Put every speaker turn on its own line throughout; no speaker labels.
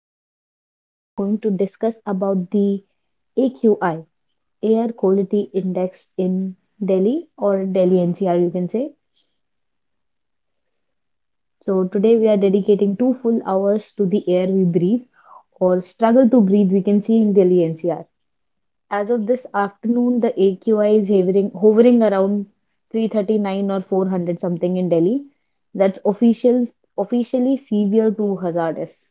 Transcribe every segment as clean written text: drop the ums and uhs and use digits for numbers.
in the podcast, we are going to discuss about the AQI, Air Quality Index in Delhi or Delhi NCR, you can say. So today we are dedicating two full hours to the air we breathe or struggle to breathe. We can see in Delhi NCR. As of this afternoon, the AQI is hovering around 339 or 400 something in Delhi. That's officially severe to hazardous.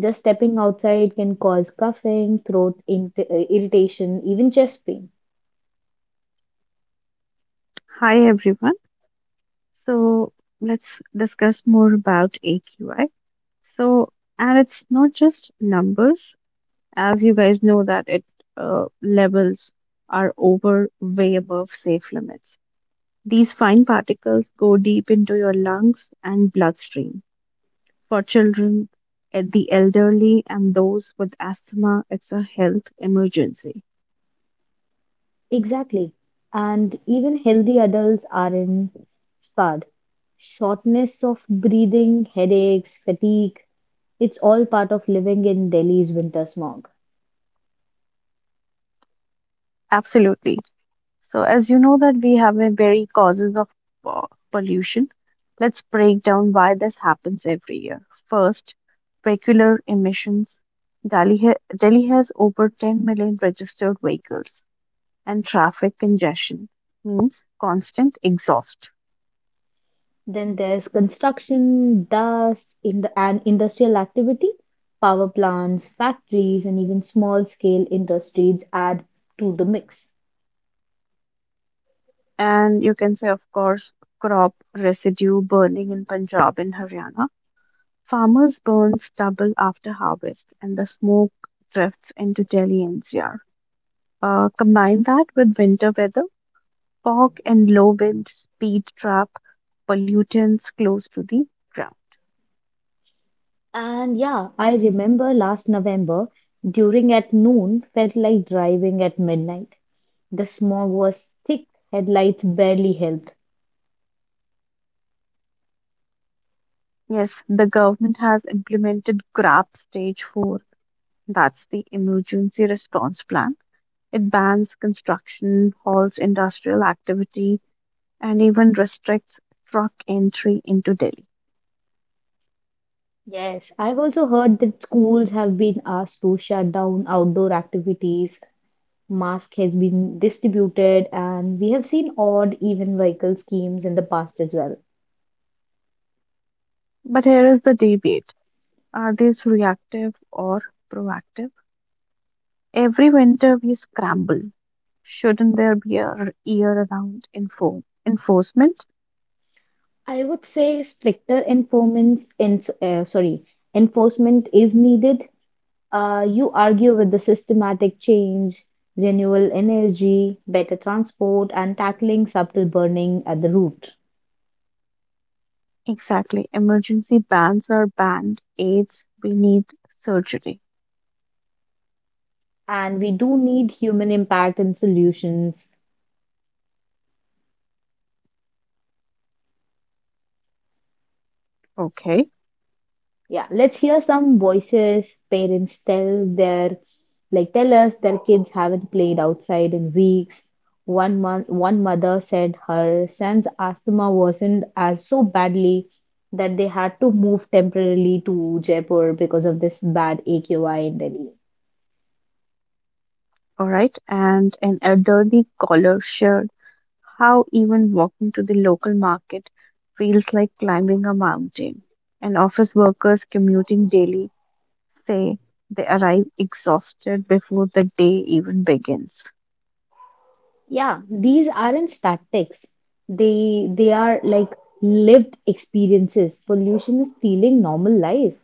Just stepping outside can cause coughing, irritation, even chest pain.
Hi everyone. So let's discuss more about AQI. So and it's not just numbers, as you guys know that it levels are over way above safe limits. These fine particles go deep into your lungs and bloodstream. For children, the elderly, and those with asthma, it's a health emergency.
Exactly. And even healthy adults are in sparred. Shortness of breathing, headaches, fatigue, it's all part of living in Delhi's winter smog.
Absolutely. So, as you know that we have a very causes of pollution, let's break down why this happens every year. First, vehicular emissions. Delhi has over 10 million registered vehicles, and traffic congestion means constant exhaust.
Then there's construction, dust, in and industrial activity. Power plants, factories, and even small scale industries add to the mix.
And you can say, of course, crop residue burning in Punjab and Haryana. Farmers burn stubble after harvest, and the smoke drifts into Delhi NCR. Combine that with winter weather, fog and low winds, speed trap pollutants close to the ground.
And yeah, I remember last November during at noon felt like driving at midnight. The smog was thick, headlights barely helped.
Yes, the government has implemented GRAP stage 4, that's the emergency response plan. It bans construction, halts industrial activity, and even restricts truck entry into Delhi.
Yes, I've also heard that schools have been asked to shut down outdoor activities. Mask has been distributed, and we have seen odd even vehicle schemes in the past as well.
But here is the debate, are these reactive or proactive? Every winter we scramble. Shouldn't there be a year round enforcement?
I would say stricter enforcement is needed. You argue with the systematic change, renewable energy, better transport, and tackling subtle burning at the root.
Exactly. Emergency bans are banned. AIDS, we need surgery.
And we do need human impact and solutions.
Okay.
Yeah, let's hear some voices. Parents tell their tell us their kids haven't played outside in weeks. 1 month, one mother said her son's asthma wasn't as so badly that they had to move temporarily to Jaipur because of this bad AQI in Delhi.
All right. And an elderly collar shirt. How even walking to the local market feels like climbing a mountain. And office workers commuting daily say they arrive exhausted before the day even begins.
Yeah, these aren't statics. They are like lived experiences. Pollution is stealing normal life.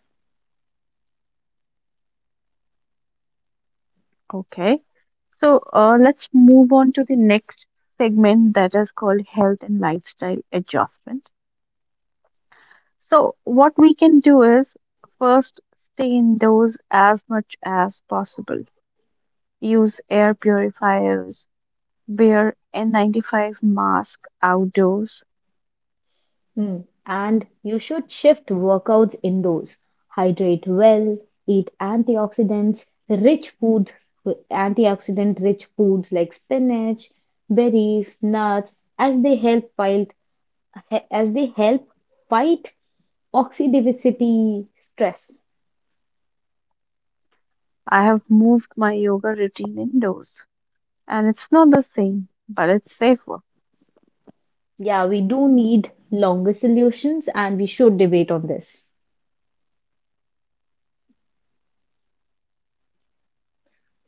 Okay. So let's move on to the next segment that is called health and lifestyle adjustment. So, what we can do is first stay indoors as much as possible, use air purifiers, wear N95 mask outdoors.
Hmm. And you should shift workouts indoors. Hydrate well, eat antioxidants, rich foods, antioxidant rich foods like spinach, berries, nuts, as they help fight oxidivity stress.
I have moved my yoga routine indoors, and it's not the same, but it's safer.
Yeah, we do need longer solutions and we should debate on this.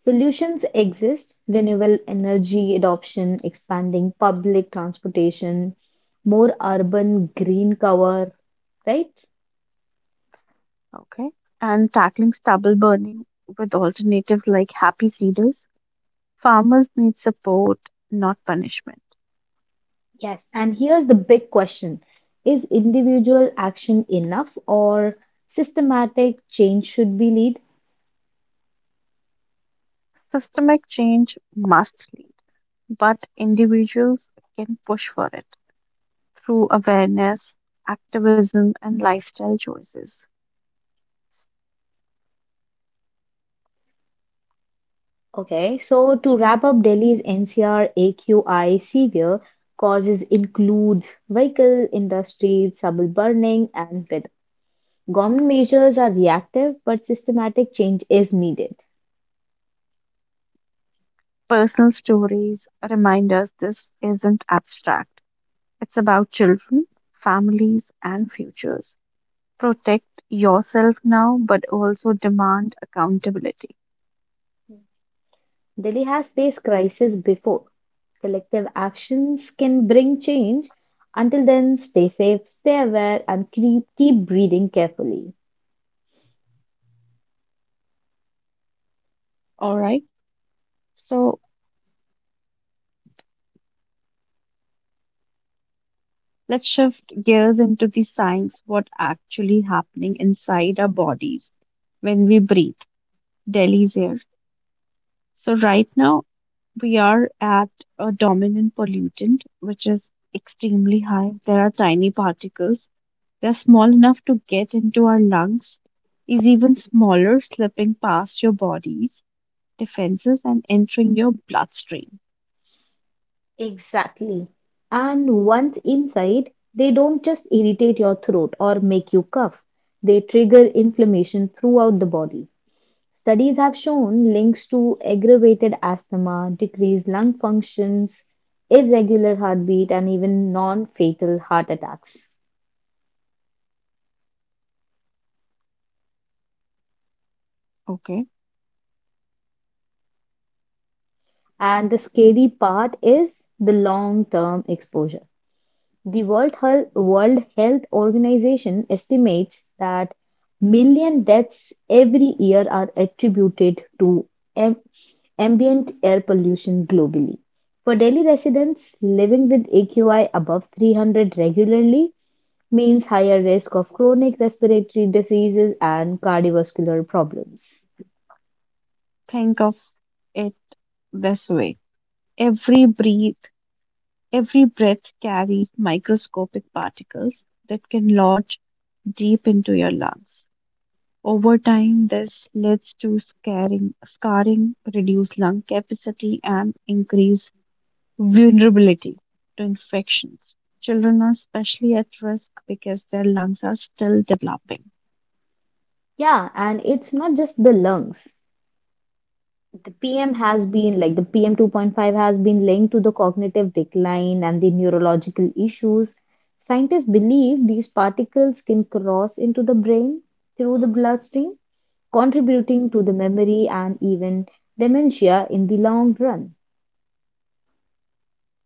Solutions exist renewable energy adoption, expanding public transportation, more urban green cover, right?
Okay. And tackling stubble burning with alternatives like happy cedars, farmers need support, not punishment.
Yes. And here's the big question. Is individual action enough or systematic change should be lead?
Systemic change must lead, but individuals can push for it through awareness, activism, and lifestyle choices.
Okay, so to wrap up Delhi's NCR AQI severe causes includes vehicle, industry, stubble burning, and weather. Government measures are reactive, but systematic change is needed.
Personal stories remind us this isn't abstract. It's about children, families, and futures. Protect yourself now, but also demand accountability.
Delhi has faced crisis before. Collective actions can bring change. Until then, stay safe, stay aware, and keep breathing carefully.
All right. So let's shift gears into the science, what actually happening inside our bodies when we breathe Delhi's air. So right now we are at a dominant pollutant, which is extremely high. There are tiny particles. They're small enough to get into our lungs, is even smaller, slipping past your body's defenses and entering your bloodstream.
Exactly. And once inside, they don't just irritate your throat or make you cough, they trigger inflammation throughout the body. Studies have shown links to aggravated asthma, decreased lung functions, irregular heartbeat, and even non fatal heart attacks.
Okay,
And the scary part is the long term exposure. The World Health Organization estimates that million deaths every year are attributed to am- ambient air pollution globally. For Delhi residents living with AQI above 300 regularly, means higher risk of chronic respiratory diseases and cardiovascular problems.
think of it this way. every breath Every breath carries microscopic particles that can lodge deep into your lungs. Over time, this leads to scarring, scarring, reduced lung capacity, and increased vulnerability to infections. Children are especially at risk because their lungs are still developing.
Yeah, and it's not just the lungs. The PM 2.5 has been linked to the cognitive decline and the neurological issues. Scientists believe these particles can cross into the brain through the bloodstream, contributing to the memory and even dementia in the long run.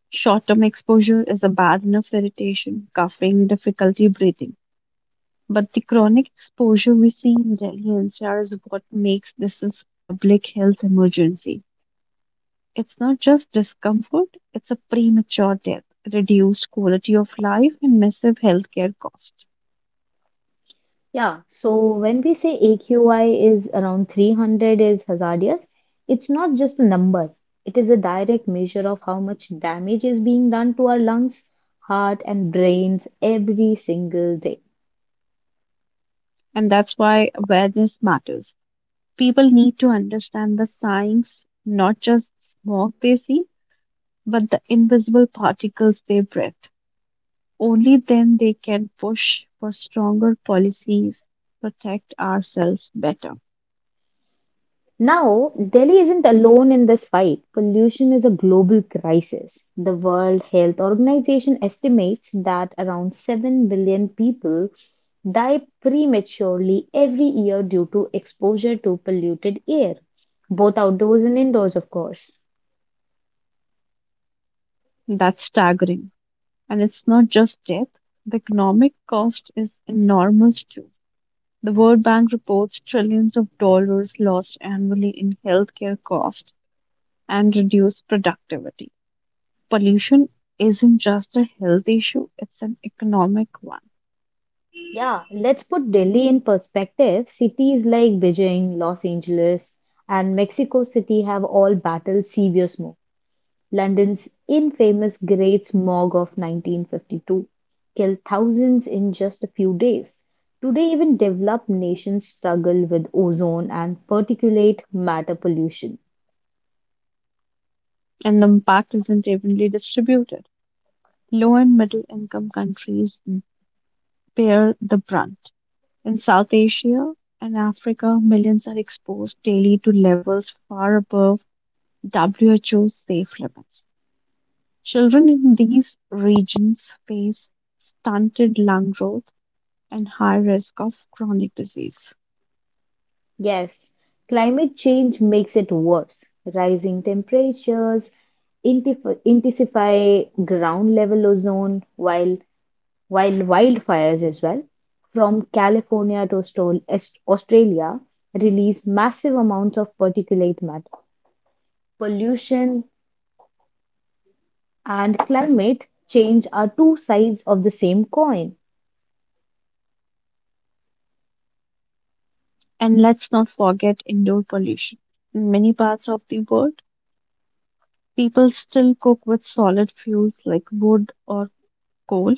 Short term exposure is a bad enough, irritation, coughing, difficulty breathing. But the chronic exposure we see in Delhi NCR is what makes this a public health emergency. It's not just discomfort, it's a premature death, reduced quality of life, and massive healthcare costs.
Yeah, so when we say AQI is around 300 is hazardous, it's not just a number. It is a direct measure of how much damage is being done to our lungs, heart, and brains every single day.
And that's why awareness matters. People need to understand the signs, not just smoke they see, but the invisible particles they breathe. Only then they can push for stronger policies, protect ourselves better.
Now, Delhi isn't alone in this fight. Pollution is a global crisis. The World Health Organization estimates that around 7 billion people die prematurely every year due to exposure to polluted air, both outdoors and indoors, of course.
That's staggering. And it's not just death, the economic cost is enormous too. The World Bank reports trillions of dollars lost annually in healthcare costs and reduced productivity. Pollution isn't just a health issue, it's an economic one,
Yeah, let's put Delhi in perspective. Cities like Beijing, Los Angeles, and Mexico City have all battled severe smoke. London's infamous Great Smog of 1952 killed thousands in just a few days. Today, even developed nations struggle with ozone and particulate matter pollution.
and the impact isn't evenly distributed. Low and middle income countries bear the brunt. In South Asia and Africa, millions are exposed daily to levels far above WHO's safe limits. Children in these regions face stunted lung growth and high risk of chronic disease.
Yes, climate change makes it worse. Rising temperatures intensify ground level ozone, while wildfires as well, from California to Australia, release massive amounts of particulate matter. Pollution and climate change are two sides of the same coin.
And let's not forget indoor pollution. In many parts of the world, people still cook with solid fuels like wood or coal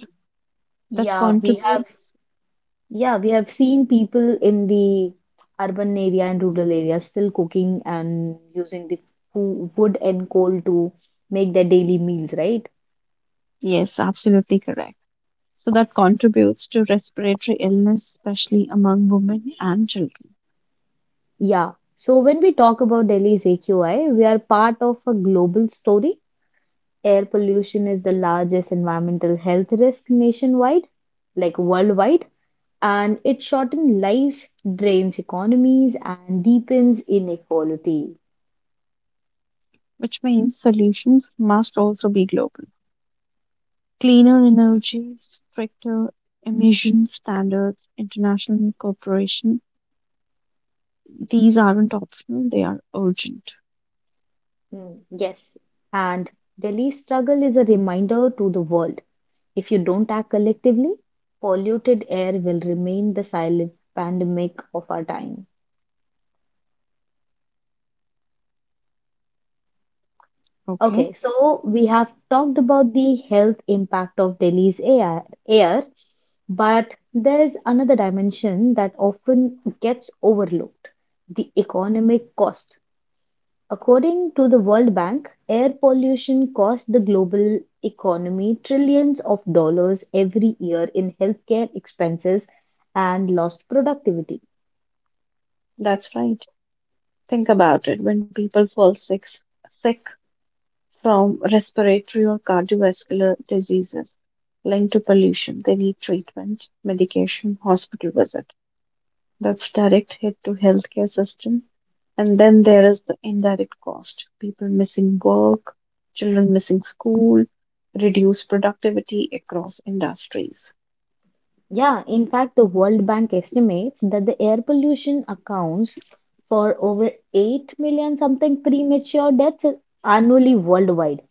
that
Yeah, we have
contributes,
yeah, we have seen people in the urban area and rural areas still cooking and using the wood and coal to make their daily meals, right?
yes, absolutely correct. So that contributes to respiratory illness, especially among women and children,
Yeah. So when we talk about Delhi's AQI, we are part of a global story. Air pollution is the largest environmental health risk nationwide, like worldwide, and it shortens lives, drains economies, and deepens inequality.
which means solutions must also be global. Cleaner energy, stricter emission standards, international cooperation. These aren't optional, they are urgent.
Hmm. Yes, and Delhi's struggle is a reminder to the world. If you don't act collectively, polluted air will remain the silent pandemic of our time.
Okay.
Okay, so we have talked about the health impact of air, but there is another dimension that often gets overlooked, the economic cost. According to the World Bank, air pollution costs the global economy trillions of dollars every year in healthcare expenses and lost productivity.
That's right. Think about it. When people fall sick from respiratory or cardiovascular diseases linked to pollution, they need treatment, medication, hospital visit. That's direct hit to healthcare system. And then there is the indirect cost, people missing work, children missing school, reduced productivity across industries.
Yeah, in fact, the World Bank estimates that the air pollution accounts for over 8 million something premature deaths annually worldwide.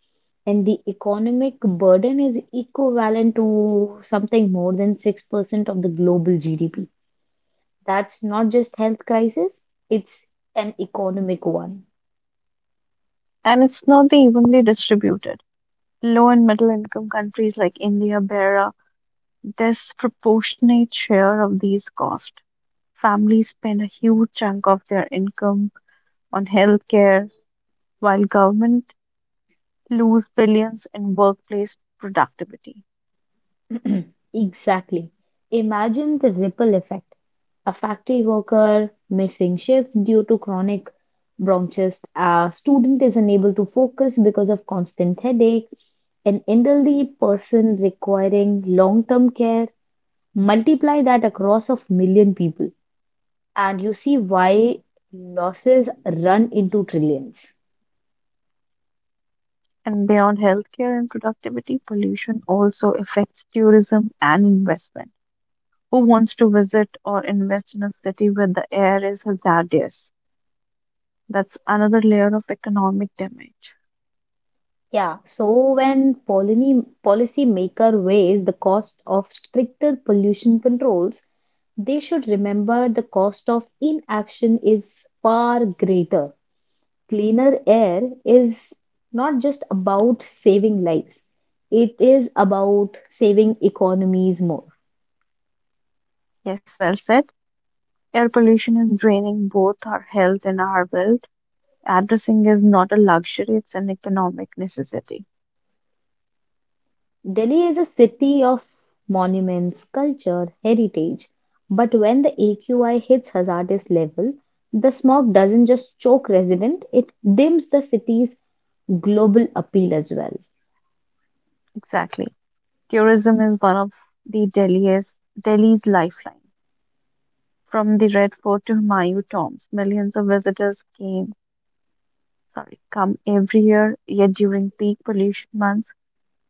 And the economic burden is equivalent to something more than 6% of the global GDP. That's not just health crisis, it's an economic one.
And it's not the evenly distributed. Low and middle income countries like India bear a disproportionate share of these costs. Families spend a huge chunk of their income on healthcare, while government lose billions in workplace productivity.
Exactly. Imagine the ripple effect. A factory worker missing shifts due to chronic bronchitis, a student is unable to focus because of constant headache, an elderly person requiring long term care. Multiply that across of million people, and you see why losses run into trillions.
And beyond healthcare and productivity, pollution also affects tourism and investment. Who wants to visit or invest in a city where the air is hazardous? That's another layer of economic damage.
Yeah, so when policymaker weighs the cost of stricter pollution controls, they should remember the cost of inaction is far greater. Cleaner air is not just about saving lives, it is about saving economies more.
Yes, well said. Air pollution is draining both our health and our wealth. Addressing is not a luxury, it's an economic necessity.
Delhi is a city of monuments, culture, heritage, but when the AQI hits hazardous level, the smog doesn't just choke resident, it dims the city's global appeal as well.
Exactly. Tourism is one of the Delhi's, Delhi's lifeline. From the Red Fort to Humayun tombs, millions of visitors came, sorry, come every year, yet during peak pollution months,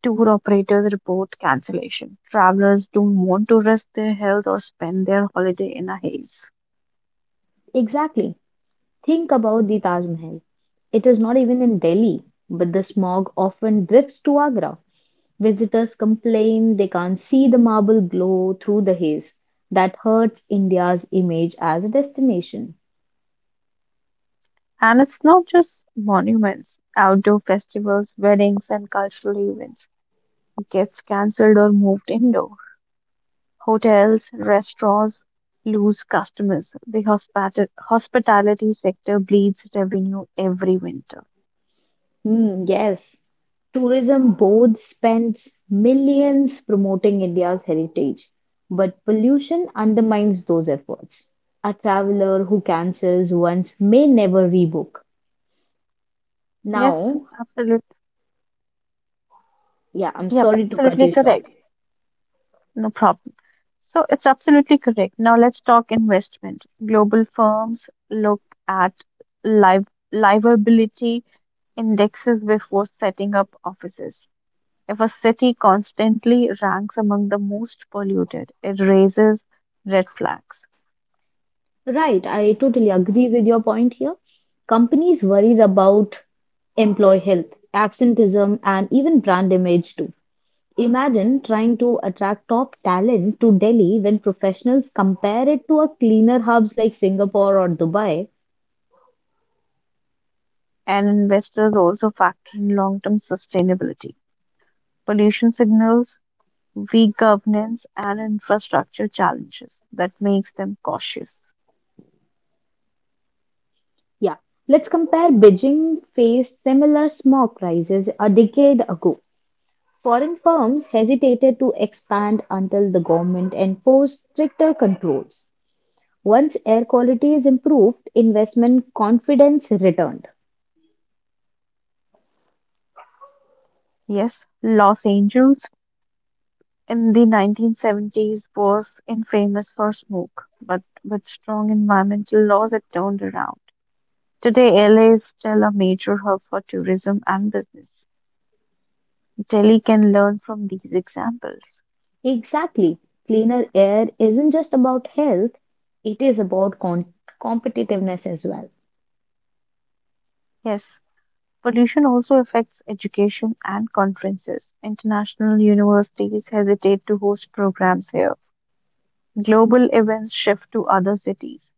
tour operators report cancellation. Travelers don't want to risk their health or spend their holiday in a haze.
Exactly. Think about the Taj Mahal. It is not even in Delhi, but the smog often drifts to Agra. Visitors complain they can't see the marble glow through the haze. That hurts India's image as a destination.
And it's not just monuments, outdoor festivals, weddings, and cultural events gets cancelled or moved indoor. Hotels, restaurants lose customers. The hospitality sector bleeds revenue every winter.
Hmm, yes, tourism board spends millions promoting India's heritage, but pollution undermines those efforts. A traveler who cancels once may never rebook.
Yes,
Now,
absolutely.
yeah, I'm
Yep,
sorry to cut
absolutely
you short.
correct. No problem. So it's absolutely correct. Now let's talk investment. Global firms look at liv- livability indexes before setting up offices. If a city constantly ranks among the most polluted, it raises red flags.
Right, I totally agree with your point here. Companies worry about employee health, absenteeism, and even brand image too. Imagine trying to attract top talent to Delhi when professionals compare it to a cleaner hubs like Singapore or Dubai.
And investors also factor in long term sustainability, pollution signals, weak governance, and infrastructure challenges that makes them cautious.
Yeah, let's compare Beijing faced similar smog crises a decade ago. Foreign firms hesitated to expand until the government enforced stricter controls. Once air quality is improved, investment confidence returned.
Yes, Los Angeles in the 1970s was infamous for smoke, but with strong environmental laws, it turned around. Today, LA is still a major hub for tourism and business. Delhi can learn from these examples.
Exactly. Cleaner air isn't just about health, it is about competitiveness as well.
Yes, pollution also affects education and conferences. International universities hesitate to host programs here. Global events shift to other cities.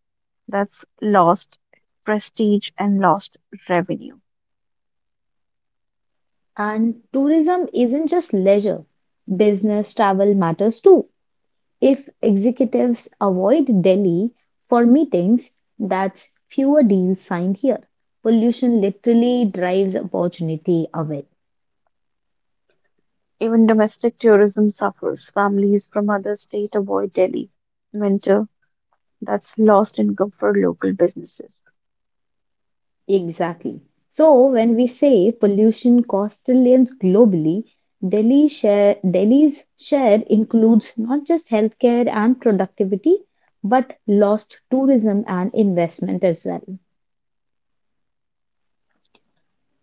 That's lost prestige and lost revenue.
And tourism isn't just leisure. Business travel matters too. If executives avoid Delhi for meetings, that's fewer deals signed here. Pollution literally drives opportunity away.
Even domestic tourism suffers. Families from other states avoid Delhi. Winter, that's lost income for local businesses.
Exactly. So when we say pollution costs trillions globally, Delhi's share includes not just healthcare and productivity, but lost tourism and investment as well.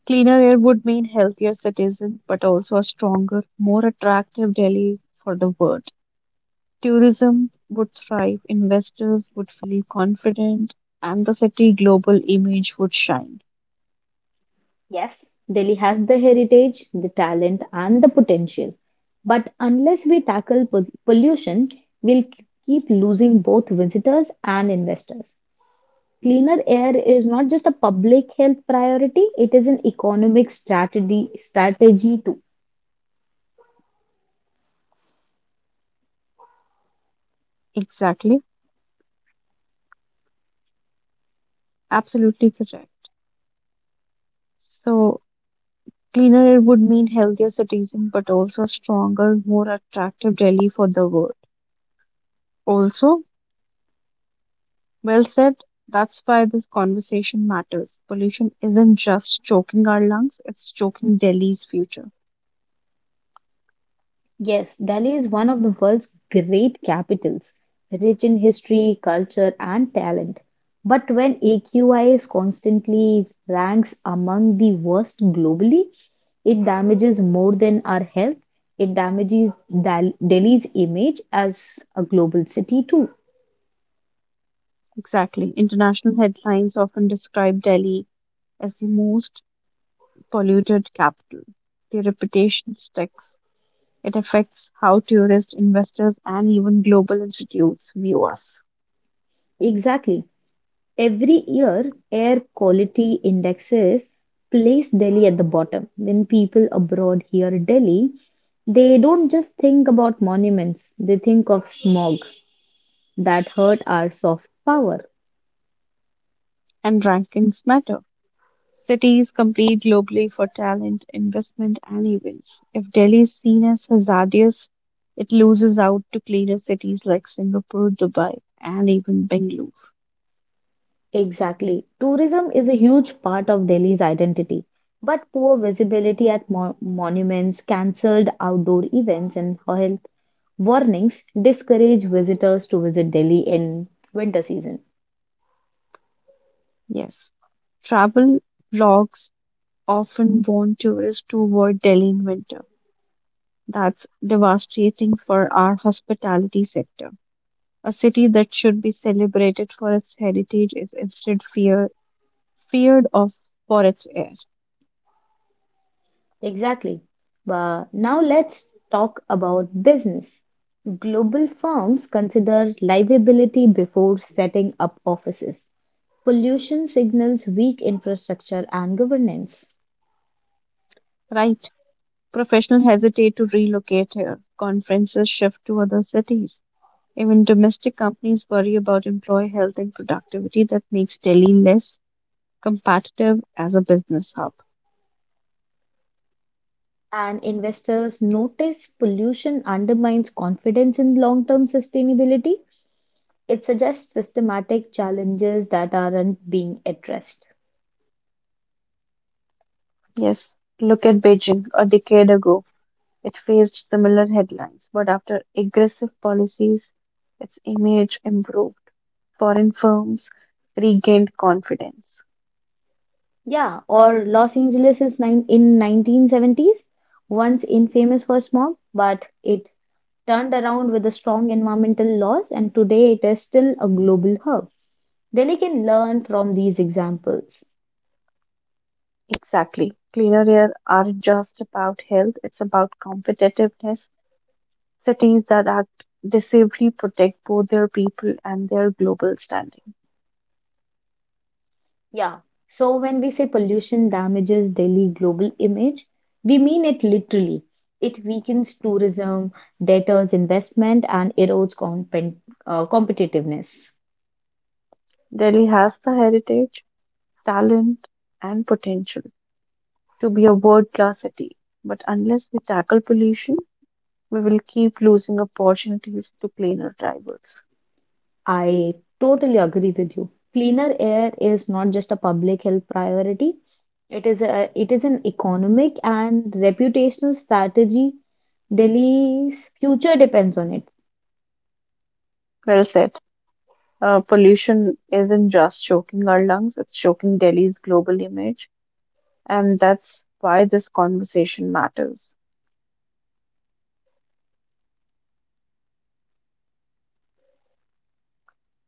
Cleaner air would mean healthier citizens, but also a stronger, more attractive Delhi for the world. Tourism would thrive, investors would feel confident, and the city global image would shine.
Yes, Delhi has the heritage, the talent, and the potential. But unless we tackle pollution, we'll keep losing both visitors and investors. Cleaner air is not just a public health priority, it is an economic strategy too.
Exactly, absolutely correct. So, cleaner air would mean healthier citizens, but also a stronger, more attractive Delhi for the world. Also, well said. That's why this conversation matters. Pollution isn't just choking our lungs, it's choking Delhi's future.
Yes, Delhi is one of the world's great capitals, rich in history, culture, and talent. But when AQIS constantly ranks among the worst globally, it damages more than our health. It damages Delhi's image as a global city, too.
Exactly. International headlines often describe Delhi as the most polluted capital. The reputation sticks. It affects how tourist investors and even global institutes view us.
Exactly. Every year, air quality indexes place Delhi at the bottom. When people abroad hear Delhi, they don't just think about monuments, they think of smog that hurt our soft power.
And rankings matter. Cities compete globally for talent, investment, and events. If Delhi is seen as hazardous, it loses out to cleaner cities like Singapore, Dubai, and even Bengaluru.
Exactly. Tourism is a huge part of Delhi's identity, but poor visibility at monuments, cancelled outdoor events, and health warnings discourage visitors to visit Delhi in winter season.
Yes, travel vlogs often warn tourists to avoid Delhi in winter. That's devastating for our hospitality sector. A city that should be celebrated for its heritage is instead fear, feared of for its air.
Exactly. But now let's talk about business. Global firms consider livability before setting up offices, pollution signals weak infrastructure and governance.
Right? Professionals hesitate to relocate here. Conferences shift to other cities. Even domestic companies worry about employee health and productivity that makes Delhi less competitive as a business hub.
And investors notice pollution undermines confidence in long term sustainability. It suggests systematic challenges that aren't being addressed.
Yes, look at Beijing a decade ago. It faced similar headlines, but after aggressive policies, its image improved. Foreign firms regained confidence.
Yeah, or Los Angeles is nine in 1970s, once infamous for smog, but it turned around with the strong environmental laws, and today it is still a global hub. Delhi can learn from these examples.
Exactly. Cleaner air aren't just about health, it's about competitiveness. Cities that act decisively protect both their people and their global standing.
Yeah, so when we say pollution damages Delhi global image, we mean it literally. It weakens tourism, deters investment, and erodes competitiveness.
Delhi has the heritage, talent, and potential to be a world class city. But unless we tackle pollution, we will keep losing opportunities to cleaner rivals.
I totally agree with you. Cleaner air is not just a public health priority, it is an economic and reputational strategy. Delhi's future depends on it.
Well said. Pollution isn't just choking our lungs, it's choking Delhi's global image, and that's why this conversation matters.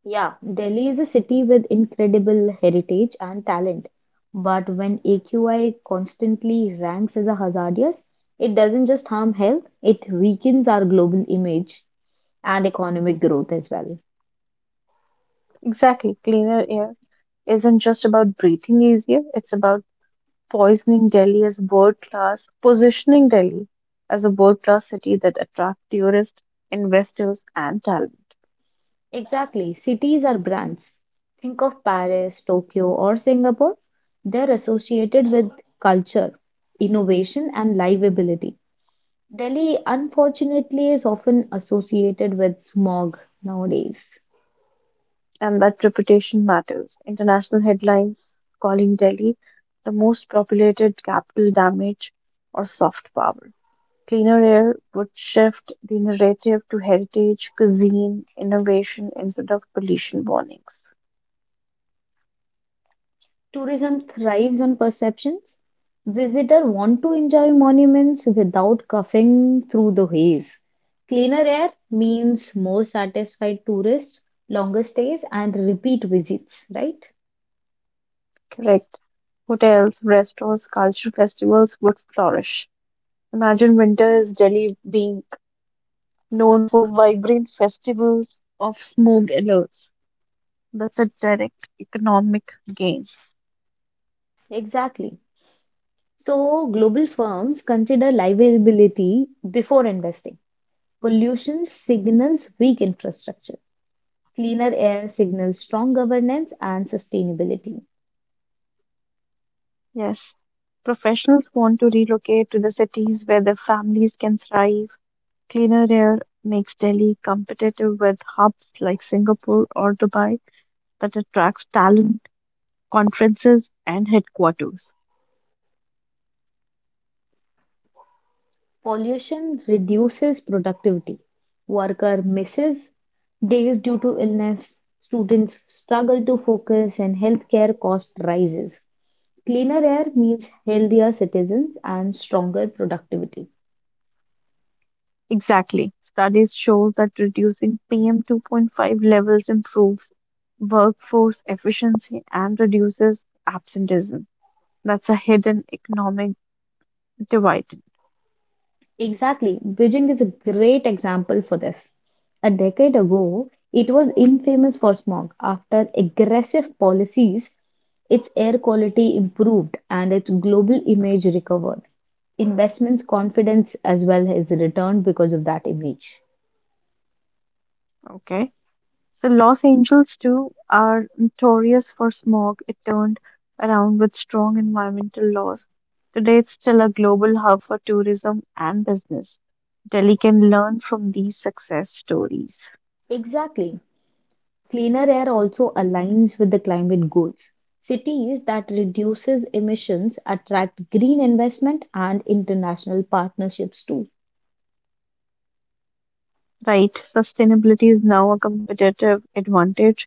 Yeah, Delhi is a city with incredible heritage and talent. But when AQI constantly ranks as a hazardous, it doesn't just harm health, it weakens our global image and economic growth as well.
Exactly. Cleaner air isn't just about breathing easier, it's about poisoning Delhi as world class, positioning Delhi as a world class city that attracts tourists, investors, and talent.
Exactly. Cities are brands. Think of Paris, Tokyo, or Singapore. They're associated with culture, innovation, and livability. Delhi, unfortunately, is often associated with smog nowadays.
And that reputation matters. International headlines calling Delhi the most populated capital damage or soft power. Cleaner air would shift the narrative to heritage, cuisine, innovation instead of pollution warnings.
Tourism thrives on perceptions. Visitors want to enjoy monuments without coughing through the haze. Cleaner air means more satisfied tourists, longer stays, and repeat visits, right?
Correct. Hotels, restaurants, cultural festivals would flourish. Imagine winter is Delhi being known for vibrant festivals of smoke alerts. That's a direct economic gain.
Exactly. So, global firms consider livability before investing. Pollution signals weak infrastructure. Cleaner air signals strong governance and sustainability.
Yes, professionals want to relocate to the cities where their families can thrive. Cleaner air makes Delhi competitive with hubs like Singapore or Dubai that attracts talent, conferences, and headquarters.
Pollution reduces productivity. Worker misses days due to illness. Students struggle to focus and healthcare cost rises. Cleaner air means healthier citizens and stronger productivity.
Exactly. Studies show that reducing PM 2.5 levels improves workforce efficiency and reduces absenteeism. That's a hidden economic dividend.
Exactly. Beijing is a great example for this. A decade ago, it was infamous for smog. After aggressive policies, its air quality improved and its global image recovered. Investments confidence as well has returned because of that image.
Okay. So Los Angeles too are notorious for smog. It turned around with strong environmental laws. Today it's still a global hub for tourism and business. Delhi can learn from these success stories.
Exactly. Cleaner air also aligns with the climate goals. Cities that reduces emissions attract green investment and international partnerships too.
Right, sustainability is now a competitive advantage.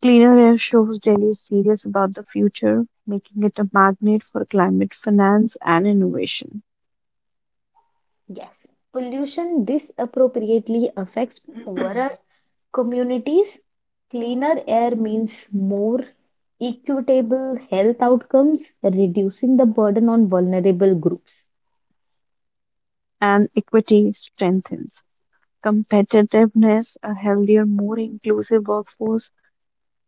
Cleaner air shows Delhi is serious about the future, making it a magnet for climate finance and innovation.
Yes, pollution disappropriately affects poorer communities. Cleaner air means more equitable health outcomes, reducing the burden on vulnerable groups.
And equity strengthens competitiveness, a healthier, more inclusive workforce,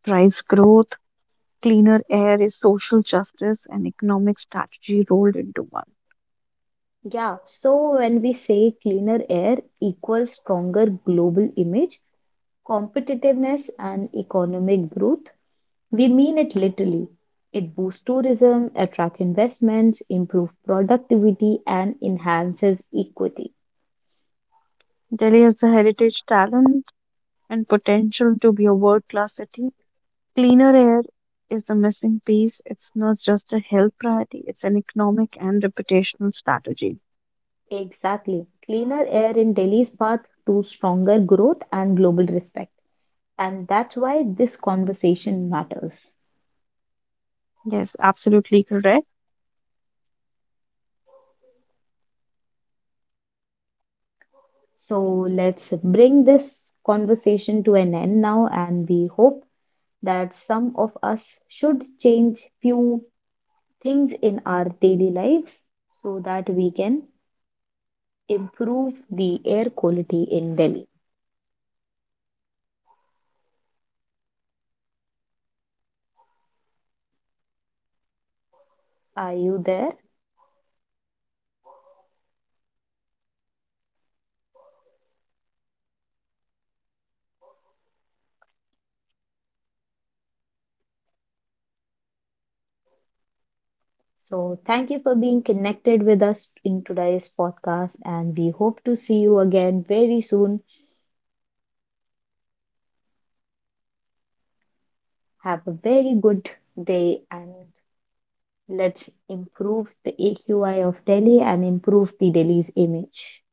drives growth, cleaner air is social justice and economic strategy rolled into one.
Yeah, so when we say cleaner air equals stronger global image, competitiveness, and economic growth, we mean it literally. It boosts tourism, attracts investments, improves productivity, and enhances equity.
Delhi has the heritage, talent, and potential to be a world class city. Cleaner air is the missing piece. It's not just a health priority, it's an economic and reputational strategy.
Exactly. Cleaner air in Delhi's path to stronger growth and global respect. And that's why this conversation matters.
Yes, absolutely.
So let's bring this conversation to an end now, and we hope that some of us should change few things in our daily lives so that we can improve the air quality in Delhi. Are you there? So, thank you for being connected with us in today's podcast, and we hope to see you again very soon. Have a very good day, and let's improve the AQI of Delhi and improve the Delhi's image.